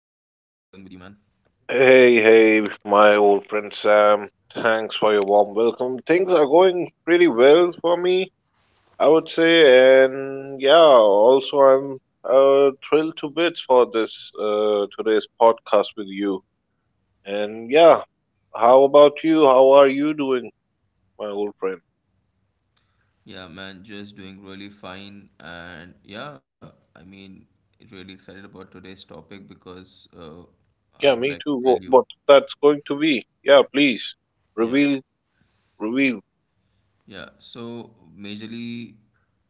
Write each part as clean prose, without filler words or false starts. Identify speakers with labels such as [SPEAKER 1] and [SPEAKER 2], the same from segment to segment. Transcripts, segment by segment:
[SPEAKER 1] you, man?
[SPEAKER 2] Hey, hey, my old friend Sam. Thanks for your warm welcome. Things are going pretty well for me, I would say, and yeah, also I'm thrilled to bits for this today's podcast with you. And yeah, how about you? How are you doing, my old friend?
[SPEAKER 1] Yeah, man, just doing really fine. And yeah, I mean, really excited about today's topic because I
[SPEAKER 2] Yeah,
[SPEAKER 1] would like
[SPEAKER 2] me
[SPEAKER 1] to
[SPEAKER 2] too.
[SPEAKER 1] tell you.
[SPEAKER 2] What that's going to be? Yeah, please
[SPEAKER 1] Yeah,
[SPEAKER 2] reveal, reveal.
[SPEAKER 1] yeah. So, majorly,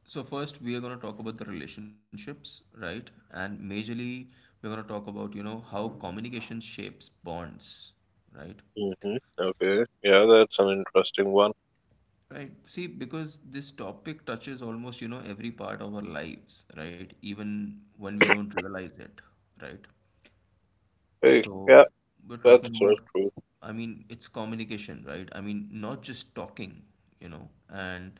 [SPEAKER 1] so first we are going to talk about the relationships, right? And majorly, we're going to talk about, you know, how communication shapes bonds, right?
[SPEAKER 2] Hmm. Okay, yeah, that's an interesting one.
[SPEAKER 1] Right. See, because this topic touches almost, you know, every part of our lives, right? Even when we don't realize it, right?
[SPEAKER 2] Hey, yeah,
[SPEAKER 1] So we're
[SPEAKER 2] that's
[SPEAKER 1] talking
[SPEAKER 2] so
[SPEAKER 1] about,
[SPEAKER 2] true.
[SPEAKER 1] I mean, it's communication, right? I mean, not just talking, you know, and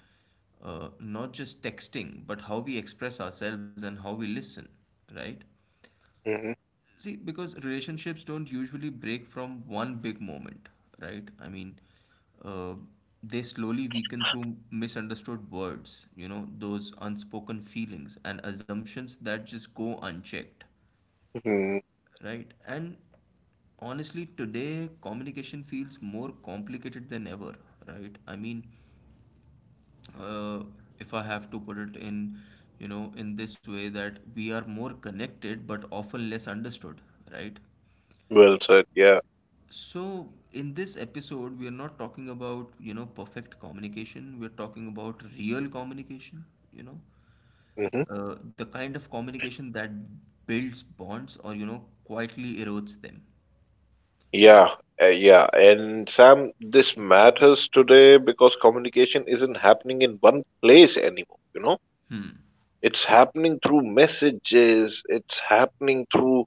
[SPEAKER 1] not just texting, but how we express ourselves and how we listen, right?
[SPEAKER 2] Mhm.
[SPEAKER 1] See, because relationships don't usually break from one big moment, right? I mean, uh, they slowly weaken through misunderstood words, you know, those unspoken feelings and assumptions that just go unchecked,
[SPEAKER 2] Mhm.
[SPEAKER 1] right? And honestly, today communication feels more complicated than ever, right? I mean, uh, if I have to put it in, you know, in this way that we are more connected but often less understood, right?
[SPEAKER 2] Well said. Yeah.
[SPEAKER 1] So, in this episode, we are not talking about, you know, perfect communication. We're talking about real communication, you know,
[SPEAKER 2] Hmm.
[SPEAKER 1] the kind of communication that builds bonds or, you know, quietly erodes them.
[SPEAKER 2] Yeah. Yeah. And Sam, this matters today because communication isn't happening in one place anymore. You know, it's happening through messages. It's happening through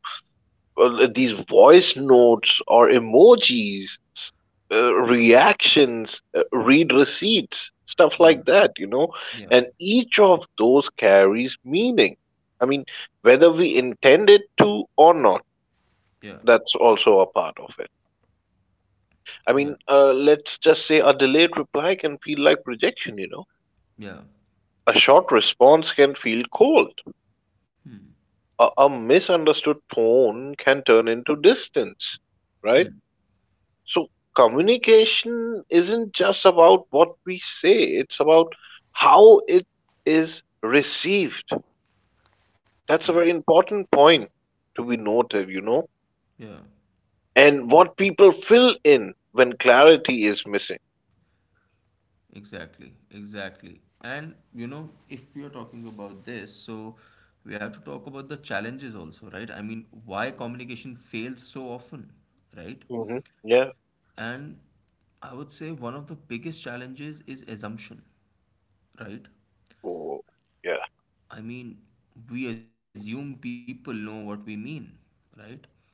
[SPEAKER 2] well, these voice notes or emojis, reactions, read receipts, stuff
[SPEAKER 1] Yeah,
[SPEAKER 2] like that. You know,
[SPEAKER 1] yeah,
[SPEAKER 2] and each of those carries meaning. I mean, whether we intend it to or not.
[SPEAKER 1] yeah,
[SPEAKER 2] That's also a part of it. I
[SPEAKER 1] yeah,
[SPEAKER 2] mean, let's just say a delayed reply can feel like rejection, you know.
[SPEAKER 1] yeah.
[SPEAKER 2] A short response can feel cold.
[SPEAKER 1] Hmm.
[SPEAKER 2] A misunderstood tone can turn into distance, right?
[SPEAKER 1] Hmm.
[SPEAKER 2] So, communication isn't just about what we say, it's about how it is received.
[SPEAKER 1] Yeah,
[SPEAKER 2] That's a very important point to be noted, you know,
[SPEAKER 1] yeah,
[SPEAKER 2] and what people fill in when clarity is missing.
[SPEAKER 1] exactly. And you know, if we are talking about this, so we have to talk about the challenges also, right? I mean, why communication fails so often, right?
[SPEAKER 2] Hmm. Yeah.
[SPEAKER 1] And I would say one of the biggest challenges is assumption, right?
[SPEAKER 2] Oh, yeah.
[SPEAKER 1] I mean, we assume people know what we mean, right?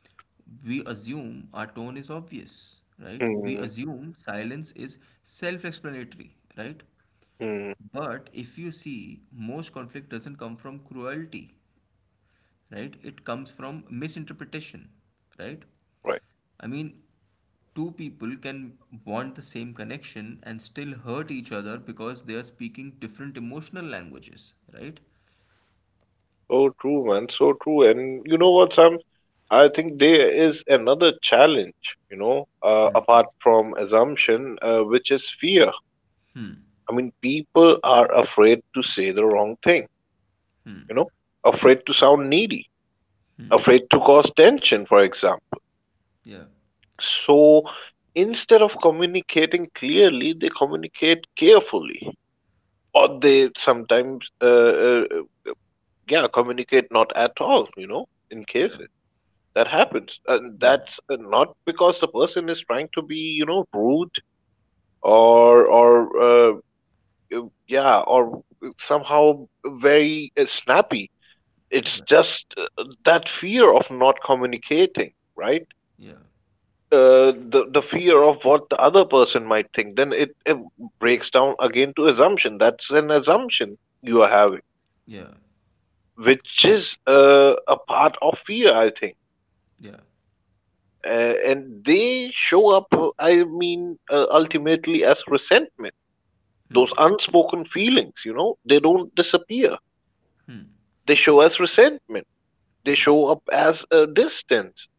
[SPEAKER 1] We assume our tone is obvious, right? We
[SPEAKER 2] Mm,
[SPEAKER 1] assume silence is self explanatory, right?
[SPEAKER 2] mm,
[SPEAKER 1] But if you see, most conflict doesn't come from cruelty, right? It comes from misinterpretation, right?
[SPEAKER 2] right.
[SPEAKER 1] I mean, two people can want the same connection and still hurt each other because they are speaking different emotional languages, right?
[SPEAKER 2] So true, man. So true. And you know what, Sam? I think there is another challenge, you know, apart from assumption, which is fear. I mean, people are afraid to say the wrong thing, you know, afraid to sound needy, afraid to cause tension, for example.
[SPEAKER 1] Yeah,
[SPEAKER 2] So instead of communicating clearly, they communicate carefully, or they sometimes, yeah, communicate not at all, you know, in
[SPEAKER 1] yeah,
[SPEAKER 2] cases. That happens, and
[SPEAKER 1] yeah,
[SPEAKER 2] that's not because the person is trying to be, you know, rude or or uh, yeah, or somehow very snappy. It's
[SPEAKER 1] yeah,
[SPEAKER 2] just that fear of not communicating, right?
[SPEAKER 1] yeah,
[SPEAKER 2] The fear of what the other person might think. Then it breaks down again to assumption. That's an assumption you are having,
[SPEAKER 1] yeah,
[SPEAKER 2] which is a part of fear, I think.
[SPEAKER 1] yeah,
[SPEAKER 2] And they show up, I mean, ultimately as resentment. Those unspoken feelings, you know, they don't disappear. They show as resentment. They
[SPEAKER 1] yeah,
[SPEAKER 2] show up as a distance,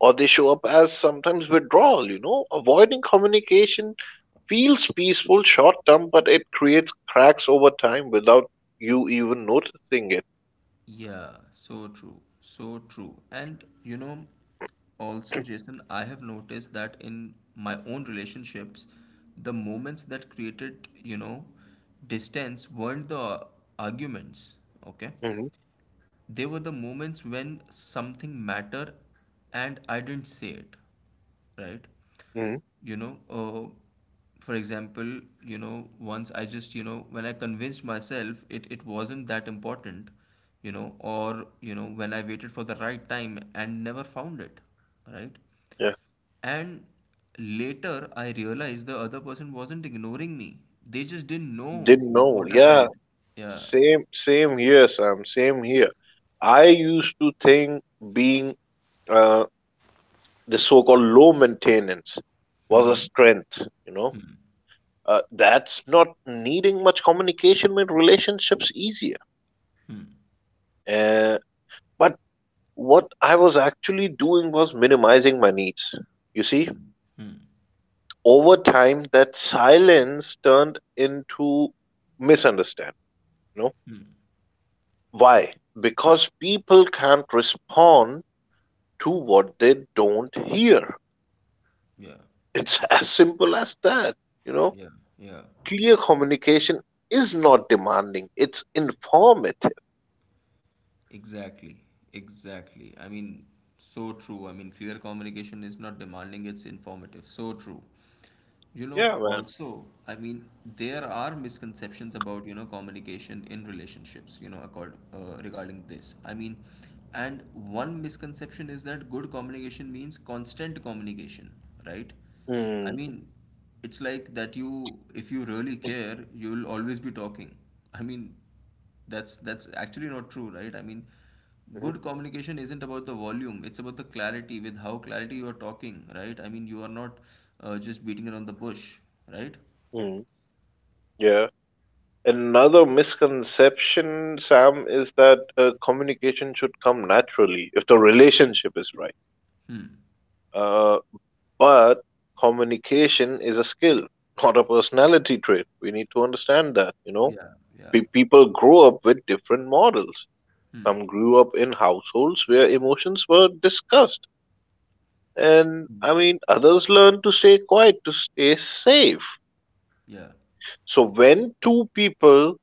[SPEAKER 2] or they show up as sometimes withdrawal. You know, avoiding communication feels peaceful short term, but it creates cracks over time without you even noticing it.
[SPEAKER 1] yeah. So true, so true. And you know, also, Jason, I have noticed that in my own relationships, the moments that created, you know, distance weren't the arguments, okay?
[SPEAKER 2] Hmm.
[SPEAKER 1] They were the moments when something mattered and I didn't say it, right?
[SPEAKER 2] Hmm.
[SPEAKER 1] You know, for example, you know, once I just, you know, when I convinced myself it wasn't that important, you know, or, you know, when I waited for the right time and never found it, right?
[SPEAKER 2] Yeah,
[SPEAKER 1] And later I realized the other person wasn't ignoring me. They just didn't know,
[SPEAKER 2] didn't
[SPEAKER 1] you know,
[SPEAKER 2] know,
[SPEAKER 1] what I
[SPEAKER 2] yeah.
[SPEAKER 1] felt. Yeah.
[SPEAKER 2] Same, same here, Sam. Same here. I used to think being uh, the so-called low maintenance was a
[SPEAKER 1] Mm-hmm.
[SPEAKER 2] strength. You know, that's not needing much communication made relationships easier. Uh, but what I was actually doing was minimizing my needs. You see,
[SPEAKER 1] Hmm. Hmm.
[SPEAKER 2] over time, that silence turned into misunderstanding. You know, why? Because people can't respond to what they don't hear.
[SPEAKER 1] Yeah.
[SPEAKER 2] It's as simple as that. You know,
[SPEAKER 1] Yeah, yeah,
[SPEAKER 2] clear communication is not demanding, it's informative.
[SPEAKER 1] exactly, exactly. I mean, so true. I mean, clear communication is not demanding, it's informative. So true. You know,
[SPEAKER 2] Yeah, man.
[SPEAKER 1] also, I mean, there are misconceptions about, you know, communication in relationships, you know, regarding this. I mean, and one misconception is that good communication means constant communication, right? I
[SPEAKER 2] Mm,
[SPEAKER 1] mean, it's like that you, if you really care, you'll always be talking. I mean, That's actually not true, right? I mean,
[SPEAKER 2] mm,
[SPEAKER 1] good communication isn't about the volume; it's about the clarity with how clarity you are talking, right? I mean, you are not just beating around the bush, right?
[SPEAKER 2] mm, yeah. Another misconception, Sam, is that communication should come naturally if the relationship is right.
[SPEAKER 1] Hmm.
[SPEAKER 2] Uh, but communication is a skill, not a personality trait. We need to understand that, you know.
[SPEAKER 1] Yeah. Yeah.
[SPEAKER 2] People grow up with different models.
[SPEAKER 1] Hmm.
[SPEAKER 2] Some grew up in households where emotions were discussed. And I mean, others learned to stay quiet to stay safe.
[SPEAKER 1] Yeah.
[SPEAKER 2] So when two people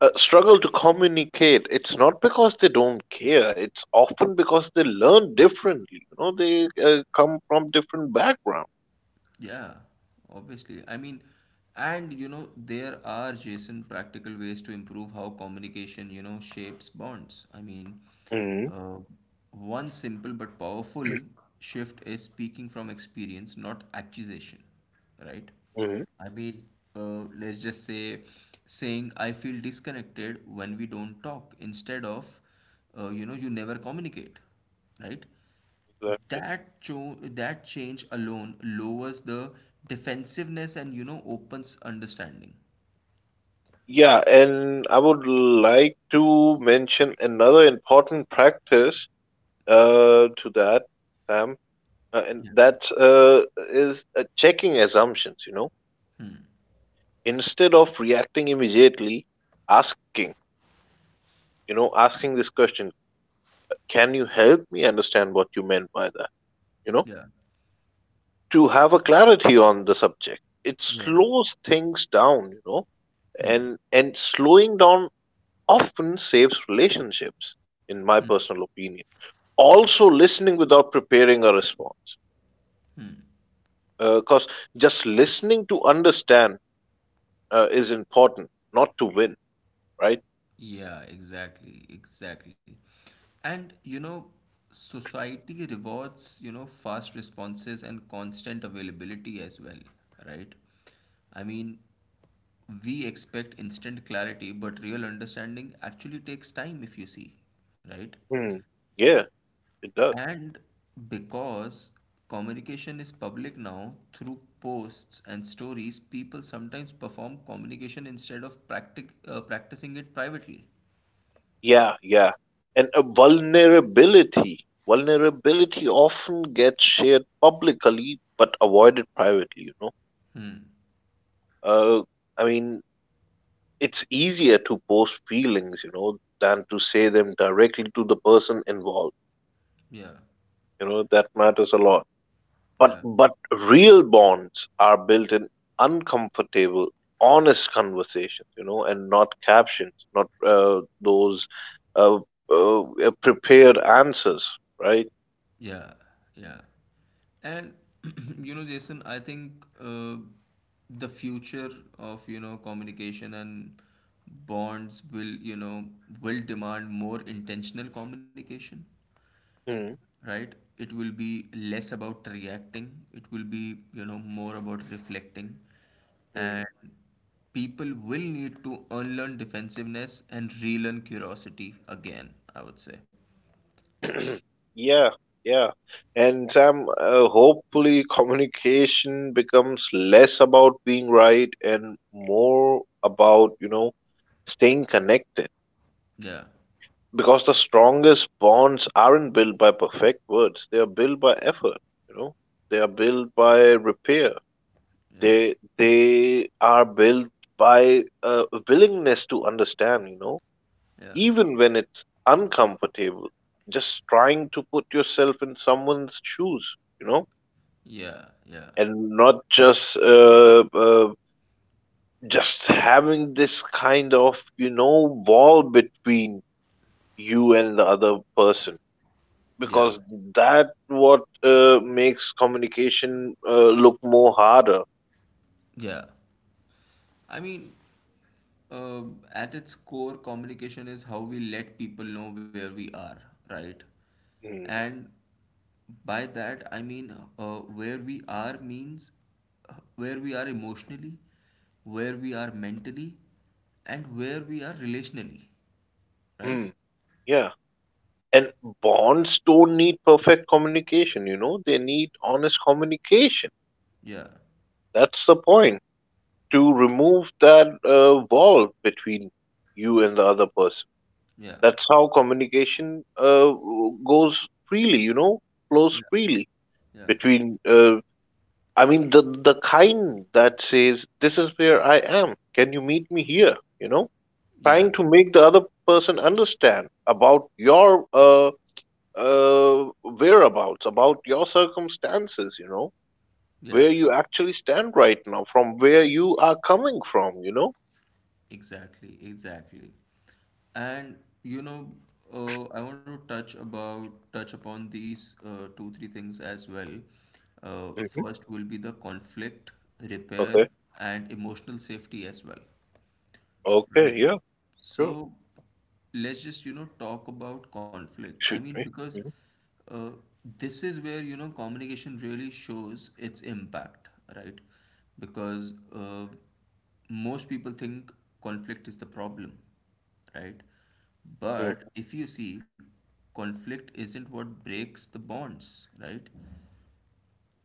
[SPEAKER 2] struggle to communicate, it's not because they don't care. It's often because they learn differently. You know, they come from different backgrounds.
[SPEAKER 1] Yeah, obviously. I mean, and you know, there are, Jason, practical ways to improve how communication, you know, shapes bonds. I mean,
[SPEAKER 2] Hmm.
[SPEAKER 1] uh, one simple but powerful shift is speaking from experience, not accusation, right?
[SPEAKER 2] Hmm.
[SPEAKER 1] I mean, let's just say saying, I feel disconnected when we don't talk, instead of, you know, you never communicate, right?
[SPEAKER 2] Exactly.
[SPEAKER 1] That change alone lowers the defensiveness and you know opens understanding.
[SPEAKER 2] Yeah, and I would like to mention another important practice to that, Sam. And
[SPEAKER 1] Yeah.
[SPEAKER 2] that is checking assumptions, you know, instead of reacting immediately, asking, you know, asking this question, can you help me understand what you meant by that? You know,
[SPEAKER 1] Yeah,
[SPEAKER 2] to have a clarity on the subject. It
[SPEAKER 1] yeah,
[SPEAKER 2] slows things down, you know, and slowing down often saves relationships, in my personal opinion.
[SPEAKER 1] yeah,
[SPEAKER 2] Also, listening without preparing a response, because just listening to understand is important, not to win, right.
[SPEAKER 1] yeah, exactly, exactly. And you know, society rewards, you know, fast responses and constant availability as well, right? I mean, we expect instant clarity, but real understanding actually takes time if you see, right?
[SPEAKER 2] Hmm. Yeah, it does.
[SPEAKER 1] And because communication is public now through posts and stories, people sometimes perform communication instead of practicing it privately.
[SPEAKER 2] Yeah, yeah. And a vulnerability. Vulnerability often gets shared publicly but avoided privately, you know. Uh, I mean, it's easier to post feelings, you know, than to say them directly to the person involved.
[SPEAKER 1] Yeah,
[SPEAKER 2] You know, that matters a lot. But
[SPEAKER 1] yeah,
[SPEAKER 2] but real bonds are built in uncomfortable, honest conversations, you know, and not captions, not those uh, uh, prepared answers, right?
[SPEAKER 1] yeah, yeah. And you know, Jason, I think the future of, you know, communication and bonds will, you know, will demand more intentional communication,
[SPEAKER 2] Mm-hmm.
[SPEAKER 1] right? It will be less about reacting, it will be, you know, more about reflecting, and people will need to unlearn defensiveness and relearn curiosity again, I would say.
[SPEAKER 2] Yeah, yeah. And Sam, hopefully communication becomes less about being right and more about, you know, staying connected.
[SPEAKER 1] Yeah,
[SPEAKER 2] Because the strongest bonds aren't built by perfect words. They are built by effort, you know. They are built by repair.
[SPEAKER 1] yeah,
[SPEAKER 2] They are built by a willingness to understand, you know,
[SPEAKER 1] yeah,
[SPEAKER 2] even when it's uncomfortable, just trying to put yourself in someone's shoes, you know,
[SPEAKER 1] yeah, yeah,
[SPEAKER 2] and not just having this kind of, you know, wall between you and the other person,
[SPEAKER 1] yeah,
[SPEAKER 2] because that what makes communication look more harder.
[SPEAKER 1] yeah. I mean, uh, at its core, communication is how we let people know where we are, right?
[SPEAKER 2] Mm.
[SPEAKER 1] And by that, I mean where we are means where we are emotionally, where we are mentally, and where we are relationally, right?
[SPEAKER 2] Mm. Yeah, and bonds don't need perfect communication, you know, they need honest communication.
[SPEAKER 1] Yeah,
[SPEAKER 2] That's the point, to remove that wall between you and the other person.
[SPEAKER 1] yeah,
[SPEAKER 2] That's how communication goes freely, you know,
[SPEAKER 1] yeah,
[SPEAKER 2] flows freely
[SPEAKER 1] yeah,
[SPEAKER 2] between. I mean, the kind that says, "This is where I am. Can you meet me here?" You know,
[SPEAKER 1] yeah,
[SPEAKER 2] trying to make the other person understand about your whereabouts, about your circumstances. You know, where
[SPEAKER 1] yeah,
[SPEAKER 2] you
[SPEAKER 1] yeah.
[SPEAKER 2] actually stand right now, from where you are coming from. You know.
[SPEAKER 1] Exactly, exactly. And you know, I want to touch upon these two three things as well.
[SPEAKER 2] Hmm.
[SPEAKER 1] First will be the conflict, repair,
[SPEAKER 2] Okay.
[SPEAKER 1] and emotional safety as well.
[SPEAKER 2] Okay,
[SPEAKER 1] Right.
[SPEAKER 2] yeah, sure.
[SPEAKER 1] So let's just, you know, talk about conflict. I
[SPEAKER 2] Shoot
[SPEAKER 1] mean,
[SPEAKER 2] me.
[SPEAKER 1] because
[SPEAKER 2] Mhm,
[SPEAKER 1] uh, this is where, you know, communication really shows its impact, right? Because most people think conflict is the problem, right?
[SPEAKER 2] mm,
[SPEAKER 1] But if you see, conflict isn't what breaks the bonds, right?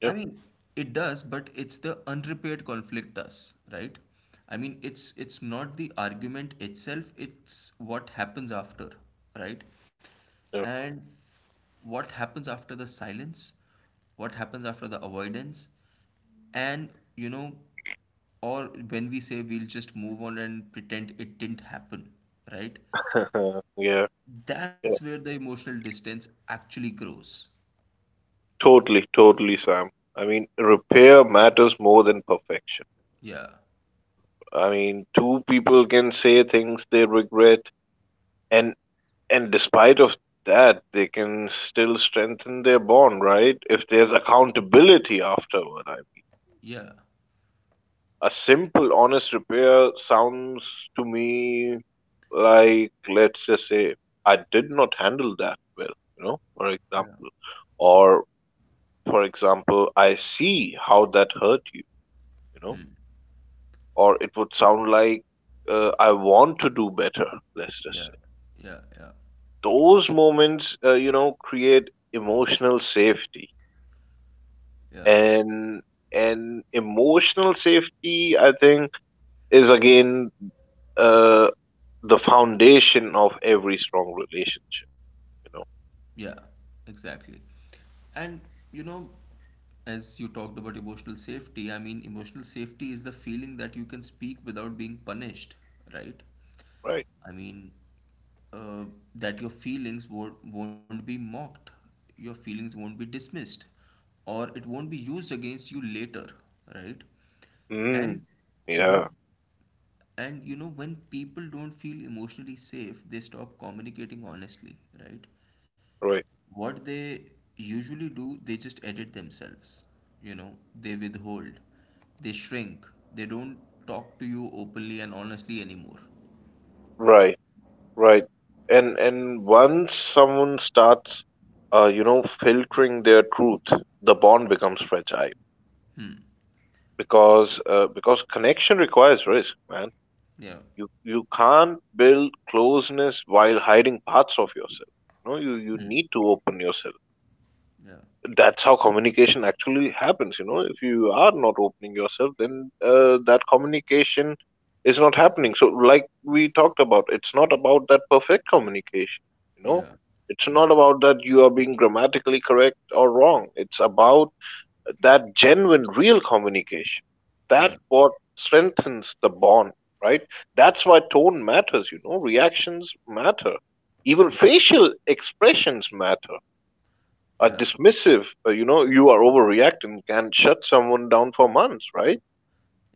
[SPEAKER 2] yeah,
[SPEAKER 1] I mean, it does, but it's the unrepaired conflict does, right? I mean, it's not the argument itself, it's what happens after, right?
[SPEAKER 2] yeah,
[SPEAKER 1] And what happens after the silence, what happens after the avoidance, and you know, or when we say we'll just move on and pretend it didn't happen, right?
[SPEAKER 2] yeah,
[SPEAKER 1] That's
[SPEAKER 2] yeah.
[SPEAKER 1] where the emotional distance actually grows.
[SPEAKER 2] Totally, totally, Sam. I mean, repair matters more than perfection.
[SPEAKER 1] Yeah,
[SPEAKER 2] I mean, two people can say things they regret, and and despite of that, they can still strengthen their bond, right? If there's accountability afterward, I mean.
[SPEAKER 1] yeah.
[SPEAKER 2] A simple, honest repair sounds to me like, let's just say, I did not handle that well, you know, for
[SPEAKER 1] Yeah.
[SPEAKER 2] example. Or, for example, I see how that hurt you, you know. Or it would sound like, I want to do better, let's just say.
[SPEAKER 1] Yeah, yeah, yeah,
[SPEAKER 2] Those moments, you know, create emotional safety.
[SPEAKER 1] yeah,
[SPEAKER 2] And and emotional safety, I think, is again uh, the foundation of every strong relationship, you know,
[SPEAKER 1] yeah, exactly. And you know, as you talked about emotional safety, I mean, emotional safety is the feeling that you can speak without being punished, right?
[SPEAKER 2] right?
[SPEAKER 1] I mean, uh, that your feelings won't be mocked, your feelings won't be dismissed, or it won't be used against you later, right?
[SPEAKER 2] Mm.
[SPEAKER 1] And when,
[SPEAKER 2] Yeah,
[SPEAKER 1] and you know, when people don't feel emotionally safe, they stop communicating honestly, right?
[SPEAKER 2] right,
[SPEAKER 1] What they usually do, they just edit themselves, you know, they withhold, they shrink, they don't talk to you openly and honestly anymore.
[SPEAKER 2] right, right. And once someone starts, you know, filtering their truth, the bond becomes fragile because connection requires risk, man.
[SPEAKER 1] Yeah,
[SPEAKER 2] You can't build closeness while hiding parts of yourself. You know, you need to open yourself.
[SPEAKER 1] yeah,
[SPEAKER 2] That's how communication actually happens, you know. If you are not opening yourself, then that communication is not happening. So like we talked about, it's not about that perfect communication, you know,
[SPEAKER 1] yeah,
[SPEAKER 2] it's
[SPEAKER 1] yeah,
[SPEAKER 2] not about that you are being grammatically correct or wrong, it's about that genuine real communication, that
[SPEAKER 1] yeah,
[SPEAKER 2] what strengthens the bond, right? That's why tone matters, you know, reactions matter, even
[SPEAKER 1] yeah,
[SPEAKER 2] facial expressions matter.
[SPEAKER 1] yeah.
[SPEAKER 2] Dismissive, you know, "you are overreacting" can shut someone down for months, right?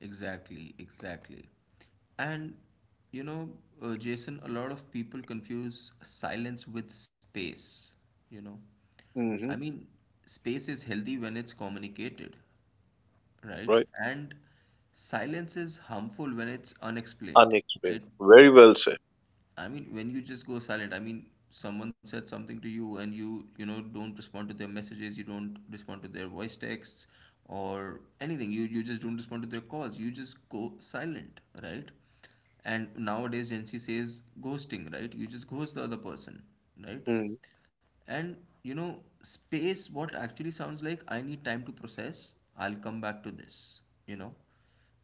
[SPEAKER 1] Exactly, exactly. And you know, Jason, a lot of people confuse silence with space, you know. I
[SPEAKER 2] Hmm.
[SPEAKER 1] mean, space is healthy when it's communicated, right?
[SPEAKER 2] Right.
[SPEAKER 1] And silence is harmful when it's unexplained,
[SPEAKER 2] Unexplained.
[SPEAKER 1] right?
[SPEAKER 2] Very well said.
[SPEAKER 1] I mean, when you just go silent, I mean, someone said something to you and you, you know, don't respond to their messages, you don't respond to their voice texts or anything. You just don't respond to their calls. You just go silent, right? And nowadays, Gen Z says ghosting, right? You just ghost the other person, right?
[SPEAKER 2] Hmm.
[SPEAKER 1] And you know, space, what actually sounds like I need time to process, I'll come back to this. You know,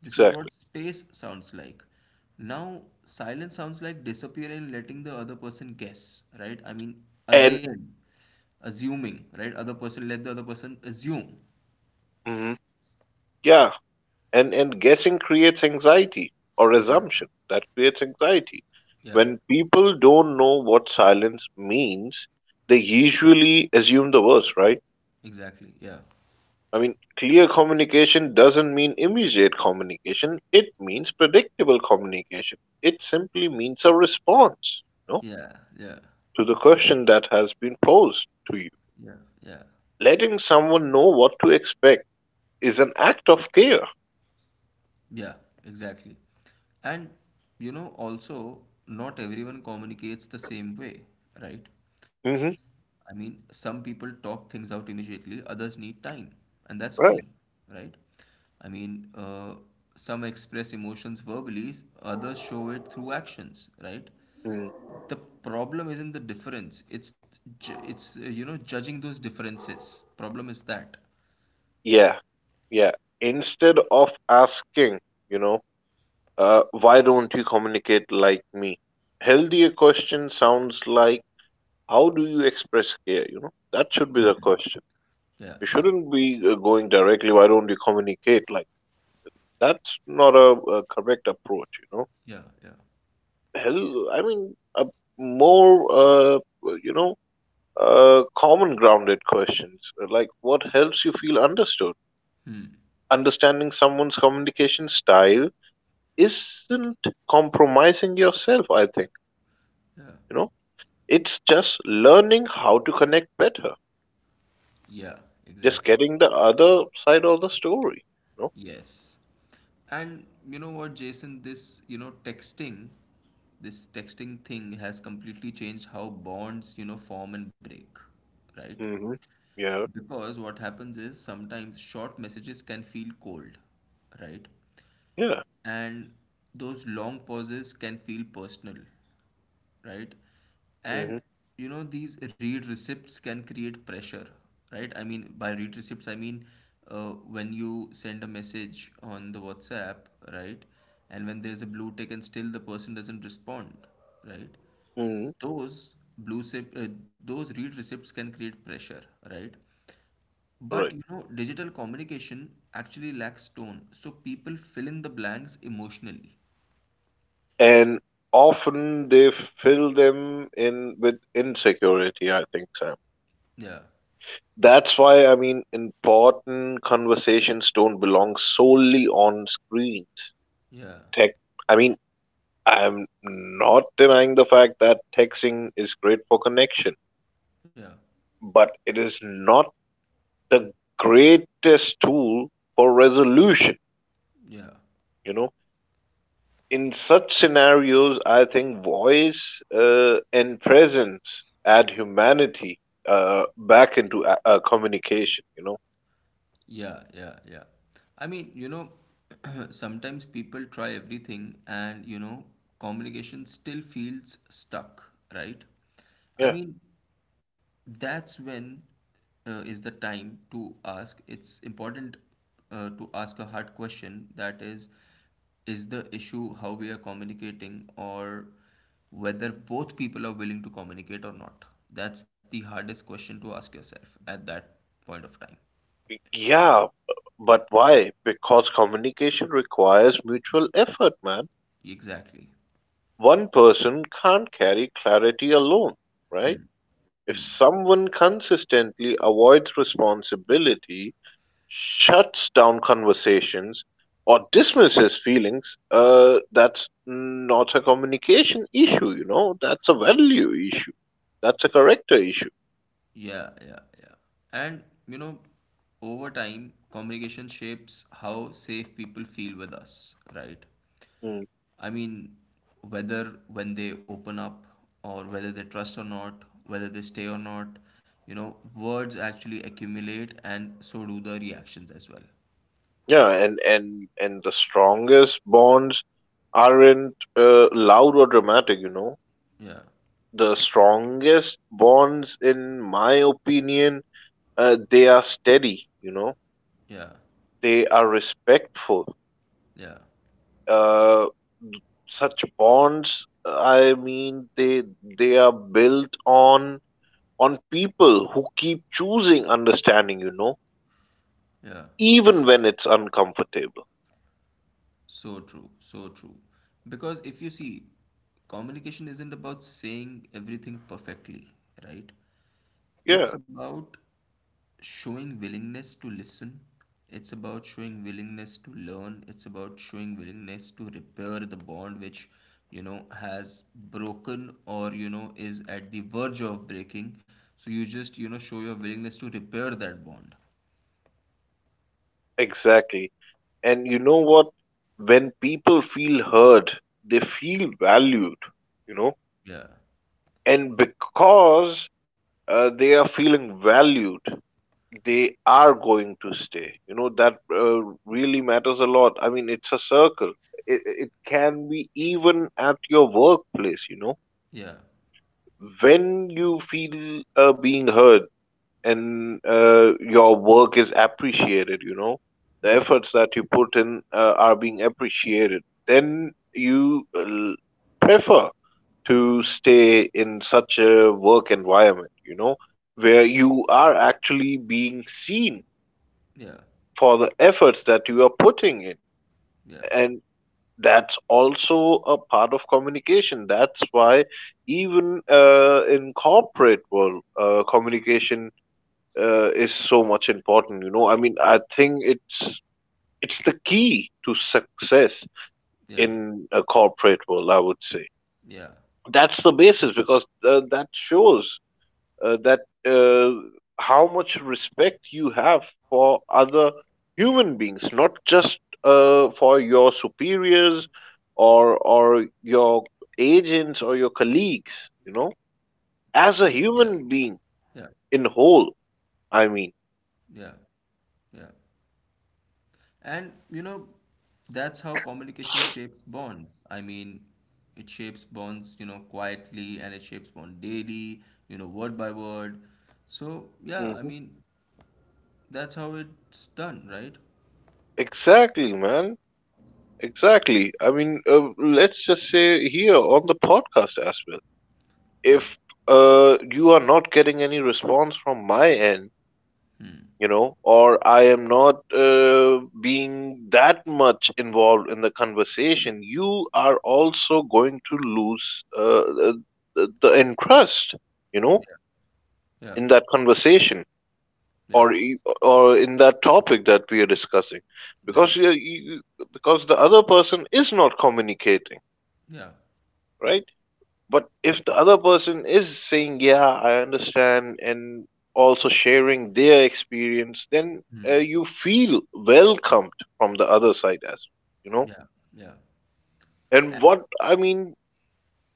[SPEAKER 1] this is
[SPEAKER 2] Exactly.
[SPEAKER 1] what space sounds like. Now, silence sounds like disappearing, and letting the other person guess, right? I mean,
[SPEAKER 2] And,
[SPEAKER 1] again, assuming, right? Other person, let the other person assume.
[SPEAKER 2] mhm, yeah, and guessing creates anxiety, or
[SPEAKER 1] Yeah,
[SPEAKER 2] assumption that creates anxiety.
[SPEAKER 1] yeah,
[SPEAKER 2] When people don't know what silence means, they usually assume the worst, right?
[SPEAKER 1] exactly. Yeah,
[SPEAKER 2] I mean, clear communication doesn't mean immediate communication. It means predictable communication. It simply means a response, you know,
[SPEAKER 1] yeah, yeah,
[SPEAKER 2] to the question that has been posed to you.
[SPEAKER 1] yeah, yeah.
[SPEAKER 2] Letting someone know what to expect is an act of care.
[SPEAKER 1] Yeah, exactly. And you know, also, not everyone communicates the same way, right?
[SPEAKER 2] Hmm.
[SPEAKER 1] I mean, some people talk things out immediately, others need time, and that's fine,
[SPEAKER 2] Right.
[SPEAKER 1] right? I mean, some express emotions verbally, others show it through actions, right?
[SPEAKER 2] Mm,
[SPEAKER 1] The problem isn't the difference, it's you know, judging those differences. Problem is that.
[SPEAKER 2] yeah. Yeah. Instead of asking, you know, why don't you communicate like me? Healthier question sounds like, how do you express care? You know, that should be the question.
[SPEAKER 1] Yeah,
[SPEAKER 2] You
[SPEAKER 1] yeah,
[SPEAKER 2] shouldn't be going directly. Why don't you communicate? Like, that's not a correct approach. You know,
[SPEAKER 1] yeah, yeah,
[SPEAKER 2] hell, I mean, a more uh, you know, common grounded questions like what helps you feel understood. Understanding someone's communication style isn't compromising yourself. I think,
[SPEAKER 1] yeah.
[SPEAKER 2] you know, it's just learning how to connect better.
[SPEAKER 1] Yeah,
[SPEAKER 2] Just
[SPEAKER 1] exactly.
[SPEAKER 2] getting the other side of the story. You
[SPEAKER 1] Yes. And you know what, Jason, this, you know, texting, this texting thing has completely changed how bonds, you know, form and break, right?
[SPEAKER 2] know. Hmm. Yeah.
[SPEAKER 1] Because what happens is sometimes short messages can feel cold, right?
[SPEAKER 2] Yeah.
[SPEAKER 1] And those long pauses can feel personal, right?
[SPEAKER 2] Hmm.
[SPEAKER 1] And you know, these read receipts can create pressure, right? I mean, by read receipts, I mean when you send a message on the WhatsApp, right? And when there's a blue tick and still the person doesn't respond, right? Those those read receipts can create pressure, right? But
[SPEAKER 2] Right.
[SPEAKER 1] you know, digital communication actually lacks tone, so people fill in the blanks emotionally.
[SPEAKER 2] And often they fill them in with insecurity, I think, Sam.
[SPEAKER 1] Yeah,
[SPEAKER 2] That's why, I mean, important conversations don't belong solely on screens.
[SPEAKER 1] yeah,
[SPEAKER 2] Tech I mean, I'm not denying the fact that texting is great for connection,
[SPEAKER 1] yeah,
[SPEAKER 2] but it is not the greatest tool for resolution,
[SPEAKER 1] yeah,
[SPEAKER 2] you know. In such scenarios, I think voice and presence add humanity back into communication. You know,
[SPEAKER 1] yeah, yeah, yeah. I mean, you know, sometimes people try everything and, you know, communication still feels stuck, right? I
[SPEAKER 2] yeah,
[SPEAKER 1] mean, that's when is the time to ask, it's important to ask a hard question, that is the issue how we are communicating or whether both people are willing to communicate or not? That's the hardest question to ask yourself at that point of time.
[SPEAKER 2] yeah, but why? Because communication requires mutual effort, man.
[SPEAKER 1] Exactly.
[SPEAKER 2] One person can't carry clarity alone, right? If someone consistently avoids responsibility, shuts down conversations or dismisses feelings, that's not a communication issue, you know, that's a value issue. That's a character issue.
[SPEAKER 1] Yeah, yeah, yeah. And you know, over time communication shapes how safe people feel with us, right?
[SPEAKER 2] Mm.
[SPEAKER 1] I mean, whether when they open up or whether they trust or not, whether they stay or not, you know, words actually accumulate and so do the reactions as well.
[SPEAKER 2] Yeah, and the strongest bonds aren't loud or dramatic, you know.
[SPEAKER 1] Yeah,
[SPEAKER 2] The strongest bonds, in my opinion, they are steady, you know,
[SPEAKER 1] yeah,
[SPEAKER 2] they are respectful.
[SPEAKER 1] yeah,
[SPEAKER 2] Uh, Such bonds, I mean they are built on people who keep choosing understanding, you know,
[SPEAKER 1] yeah.
[SPEAKER 2] even when it's uncomfortable.
[SPEAKER 1] So true, so true. Because if you see, communication isn't about saying everything perfectly, right? It's
[SPEAKER 2] Yeah
[SPEAKER 1] about showing willingness to listen. It's about showing willingness to learn. It's about showing willingness to repair the bond which, you know, has broken or, you know, is at the verge of breaking. So you just, you know, show your willingness to repair that bond.
[SPEAKER 2] exactly. And you know what, when people feel heard, they feel valued, you know.
[SPEAKER 1] Yeah.
[SPEAKER 2] And because they are feeling valued, they are going to stay. You know, that really matters a lot. I mean, it's a circle. It can be even at your workplace, you know.
[SPEAKER 1] Yeah.
[SPEAKER 2] When you feel being heard and your work is appreciated, you know, the
[SPEAKER 1] Yeah.
[SPEAKER 2] efforts that you put in are being appreciated, then you prefer to stay in such a work environment, you know, where you are actually being seen
[SPEAKER 1] Yeah.
[SPEAKER 2] for the efforts that you are putting in.
[SPEAKER 1] Yeah.
[SPEAKER 2] And that's also a part of communication. That's why even in corporate world, communication is so much important. You know, I mean, I think it's the key to success
[SPEAKER 1] Yeah.
[SPEAKER 2] in a corporate world. I would say
[SPEAKER 1] Yeah.
[SPEAKER 2] that's the basis, because that shows that how much respect you have for other human beings, not just for your superiors or your agents or your colleagues. You know,
[SPEAKER 1] Yeah. Yeah.
[SPEAKER 2] as a human being in whole.
[SPEAKER 1] Yeah.
[SPEAKER 2] I mean,
[SPEAKER 1] Yeah. And you know, that's how communication shapes bonds. I mean, it shapes bonds, you know, quietly and it shapes bond daily, you know, word by word. So, yeah, I mean,
[SPEAKER 2] mhm.
[SPEAKER 1] that's how it's done, right?
[SPEAKER 2] Exactly, man. Exactly. I mean, let's just say here on the podcast as well.
[SPEAKER 1] Yeah.
[SPEAKER 2] If you are not getting any response from my end, you know, or I am not being that much involved in the conversation, you are also going to lose the interest, you know,
[SPEAKER 1] Yeah. Yeah.
[SPEAKER 2] in that conversation
[SPEAKER 1] Yeah.
[SPEAKER 2] or or in that topic that we are discussing,
[SPEAKER 1] Yeah.
[SPEAKER 2] because you because the other person is not communicating,
[SPEAKER 1] Yeah.
[SPEAKER 2] right? But if the other person is saying, yeah, I understand, and also sharing their experience, then
[SPEAKER 1] Hmm.
[SPEAKER 2] you feel welcomed from the other side as you know.
[SPEAKER 1] Yeah. Yeah.
[SPEAKER 2] And what I mean,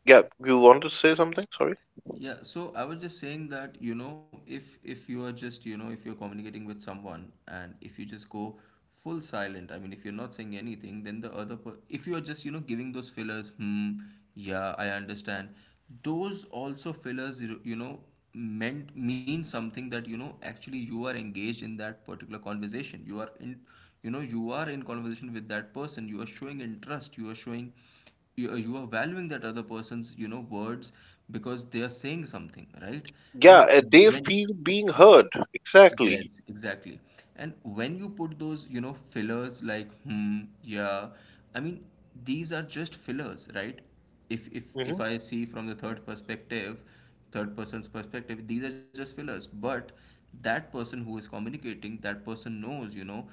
[SPEAKER 2] yeah, you want to say something? Sorry.
[SPEAKER 1] Yeah, so I was just saying that, you know, if you are just, you know, if you're communicating with someone and if you just go full silent. I mean, if you're not saying anything, then the other per if you are just, you know, giving those fillers, hmm, yeah, I understand. Those also fillers, you know, mean something that, you know, actually you are engaged in that particular conversation. You are in, you know, you are in conversation with that person. You are showing interest. You are showing you are valuing that other person's, you know, words because they are saying something, right? And
[SPEAKER 2] Yeah, they
[SPEAKER 1] when
[SPEAKER 2] feel being heard. Exactly.
[SPEAKER 1] yes, exactly. And when you put those, you know, fillers like hmm, yeah, I mean, these are just fillers, right? if if
[SPEAKER 2] Hmm.
[SPEAKER 1] if I see from the third perspective, third person's perspective, these are just fillers. But that person who is communicating, that person knows, you know,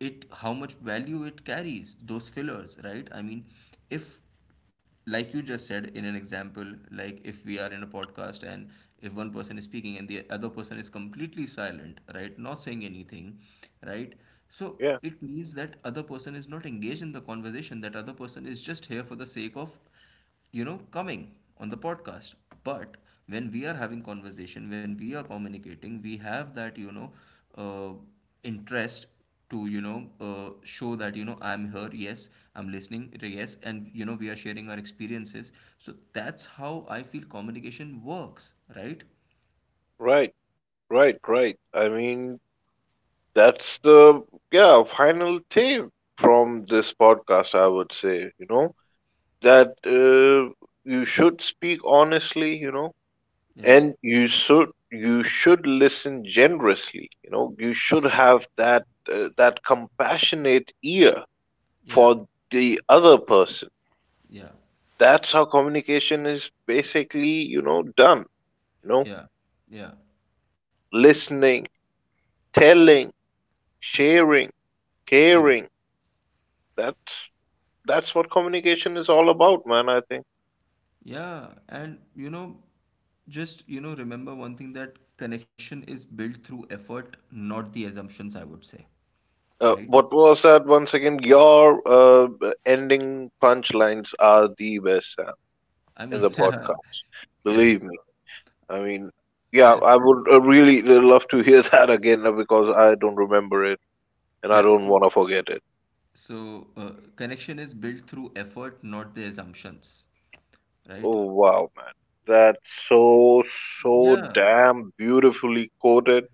[SPEAKER 1] it how much value it carries, those fillers, right? I mean, if, like you just said in an example, like if we are in a podcast and if one person is speaking and the other person is completely silent, right, not saying anything, right? So
[SPEAKER 2] Yeah.
[SPEAKER 1] it means that other person is not engaged in the conversation. That other person is just here for the sake of, you know, coming on the podcast. But when we are having conversation, when we are communicating, we have that, you know, uh, interest to, you know, show that, you know, I'm here, yes, I'm listening, yes, and, you know, we are sharing our experiences. So that's how I feel communication works, right?
[SPEAKER 2] Right. Right. I mean, that's the, yeah, final thing from this podcast. I would say, you know, that you should speak honestly, you know,
[SPEAKER 1] Yeah,
[SPEAKER 2] and you should listen generously, you know. You
[SPEAKER 1] yeah,
[SPEAKER 2] should have that that compassionate ear
[SPEAKER 1] yeah,
[SPEAKER 2] for the other person.
[SPEAKER 1] yeah,
[SPEAKER 2] That's how communication is basically, you know, done. You know,
[SPEAKER 1] yeah, yeah,
[SPEAKER 2] listening, telling, sharing,
[SPEAKER 1] yeah.
[SPEAKER 2] caring. That's that's what communication is all about, man, I think.
[SPEAKER 1] Yeah, and you know, just you know, remember one thing that connection is built through effort, not the assumptions, I would say, right?
[SPEAKER 2] What was that once again? Your ending punchlines are the best, Sam,
[SPEAKER 1] I
[SPEAKER 2] in
[SPEAKER 1] mean,
[SPEAKER 2] the podcast.
[SPEAKER 1] yeah,
[SPEAKER 2] Believe
[SPEAKER 1] so
[SPEAKER 2] me. I mean,
[SPEAKER 1] I
[SPEAKER 2] yeah,
[SPEAKER 1] just
[SPEAKER 2] I
[SPEAKER 1] said,
[SPEAKER 2] would really love to hear that again because I don't remember it and I
[SPEAKER 1] yeah,
[SPEAKER 2] don't
[SPEAKER 1] so
[SPEAKER 2] want to forget it.
[SPEAKER 1] connection is built through effort, not the assumptions, right?
[SPEAKER 2] Oh wow, man. That's so, so
[SPEAKER 1] Yeah,
[SPEAKER 2] damn beautifully quoted.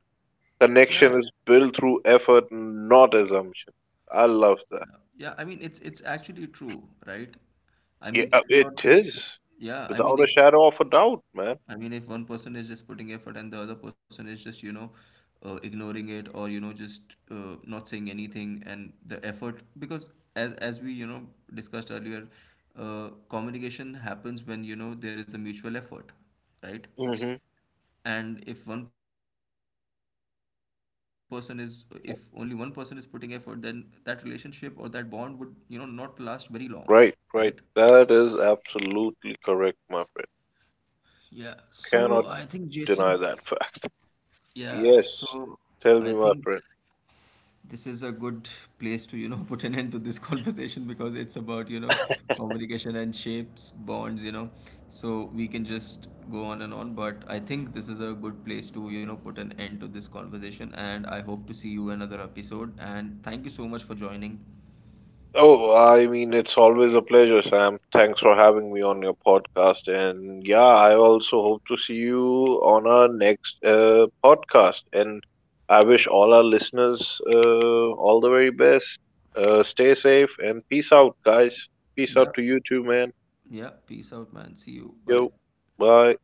[SPEAKER 1] yeah,
[SPEAKER 2] Connection is built through effort, not assumption. I love that.
[SPEAKER 1] yeah, yeah. I mean, it's actually true, right? I
[SPEAKER 2] Yeah,
[SPEAKER 1] mean, if
[SPEAKER 2] it
[SPEAKER 1] you're,
[SPEAKER 2] is.
[SPEAKER 1] yeah, I
[SPEAKER 2] Without
[SPEAKER 1] mean,
[SPEAKER 2] a
[SPEAKER 1] if,
[SPEAKER 2] shadow of a doubt, man.
[SPEAKER 1] I mean, if one person is just putting effort and the other person is just, you know, ignoring it or, you know, just not saying anything and the effort, because as we, you know, discussed earlier, communication happens when, you know, there is a mutual effort, right?
[SPEAKER 2] Hmm.
[SPEAKER 1] And if one person is, if only one person is putting effort, then that relationship or that bond would, you know, not last very long, right?
[SPEAKER 2] Right, right. That is absolutely correct, my friend.
[SPEAKER 1] Yeah, so I
[SPEAKER 2] Cannot
[SPEAKER 1] think Jason,
[SPEAKER 2] deny that fact.
[SPEAKER 1] yeah,
[SPEAKER 2] Yes.
[SPEAKER 1] so I
[SPEAKER 2] Tell me,
[SPEAKER 1] think
[SPEAKER 2] my friend.
[SPEAKER 1] this is a good place to, you know, put an end to this conversation because it's about, you know, communication and shapes bonds, you know. So we can just go on and on, but I think this is a good place to, you know, put an end to this conversation, and I hope to see you another episode, and thank you so much for joining.
[SPEAKER 2] Oh, I mean, it's always a pleasure, Sam. Thanks for having me on your podcast. And yeah, I also hope to see you on our next podcast. And I wish all our listeners all the very best. Stay safe and peace out, guys. Peace
[SPEAKER 1] Yeah,
[SPEAKER 2] out to you too, man.
[SPEAKER 1] yeah, peace out, man. See you, bye.
[SPEAKER 2] Yo, bye.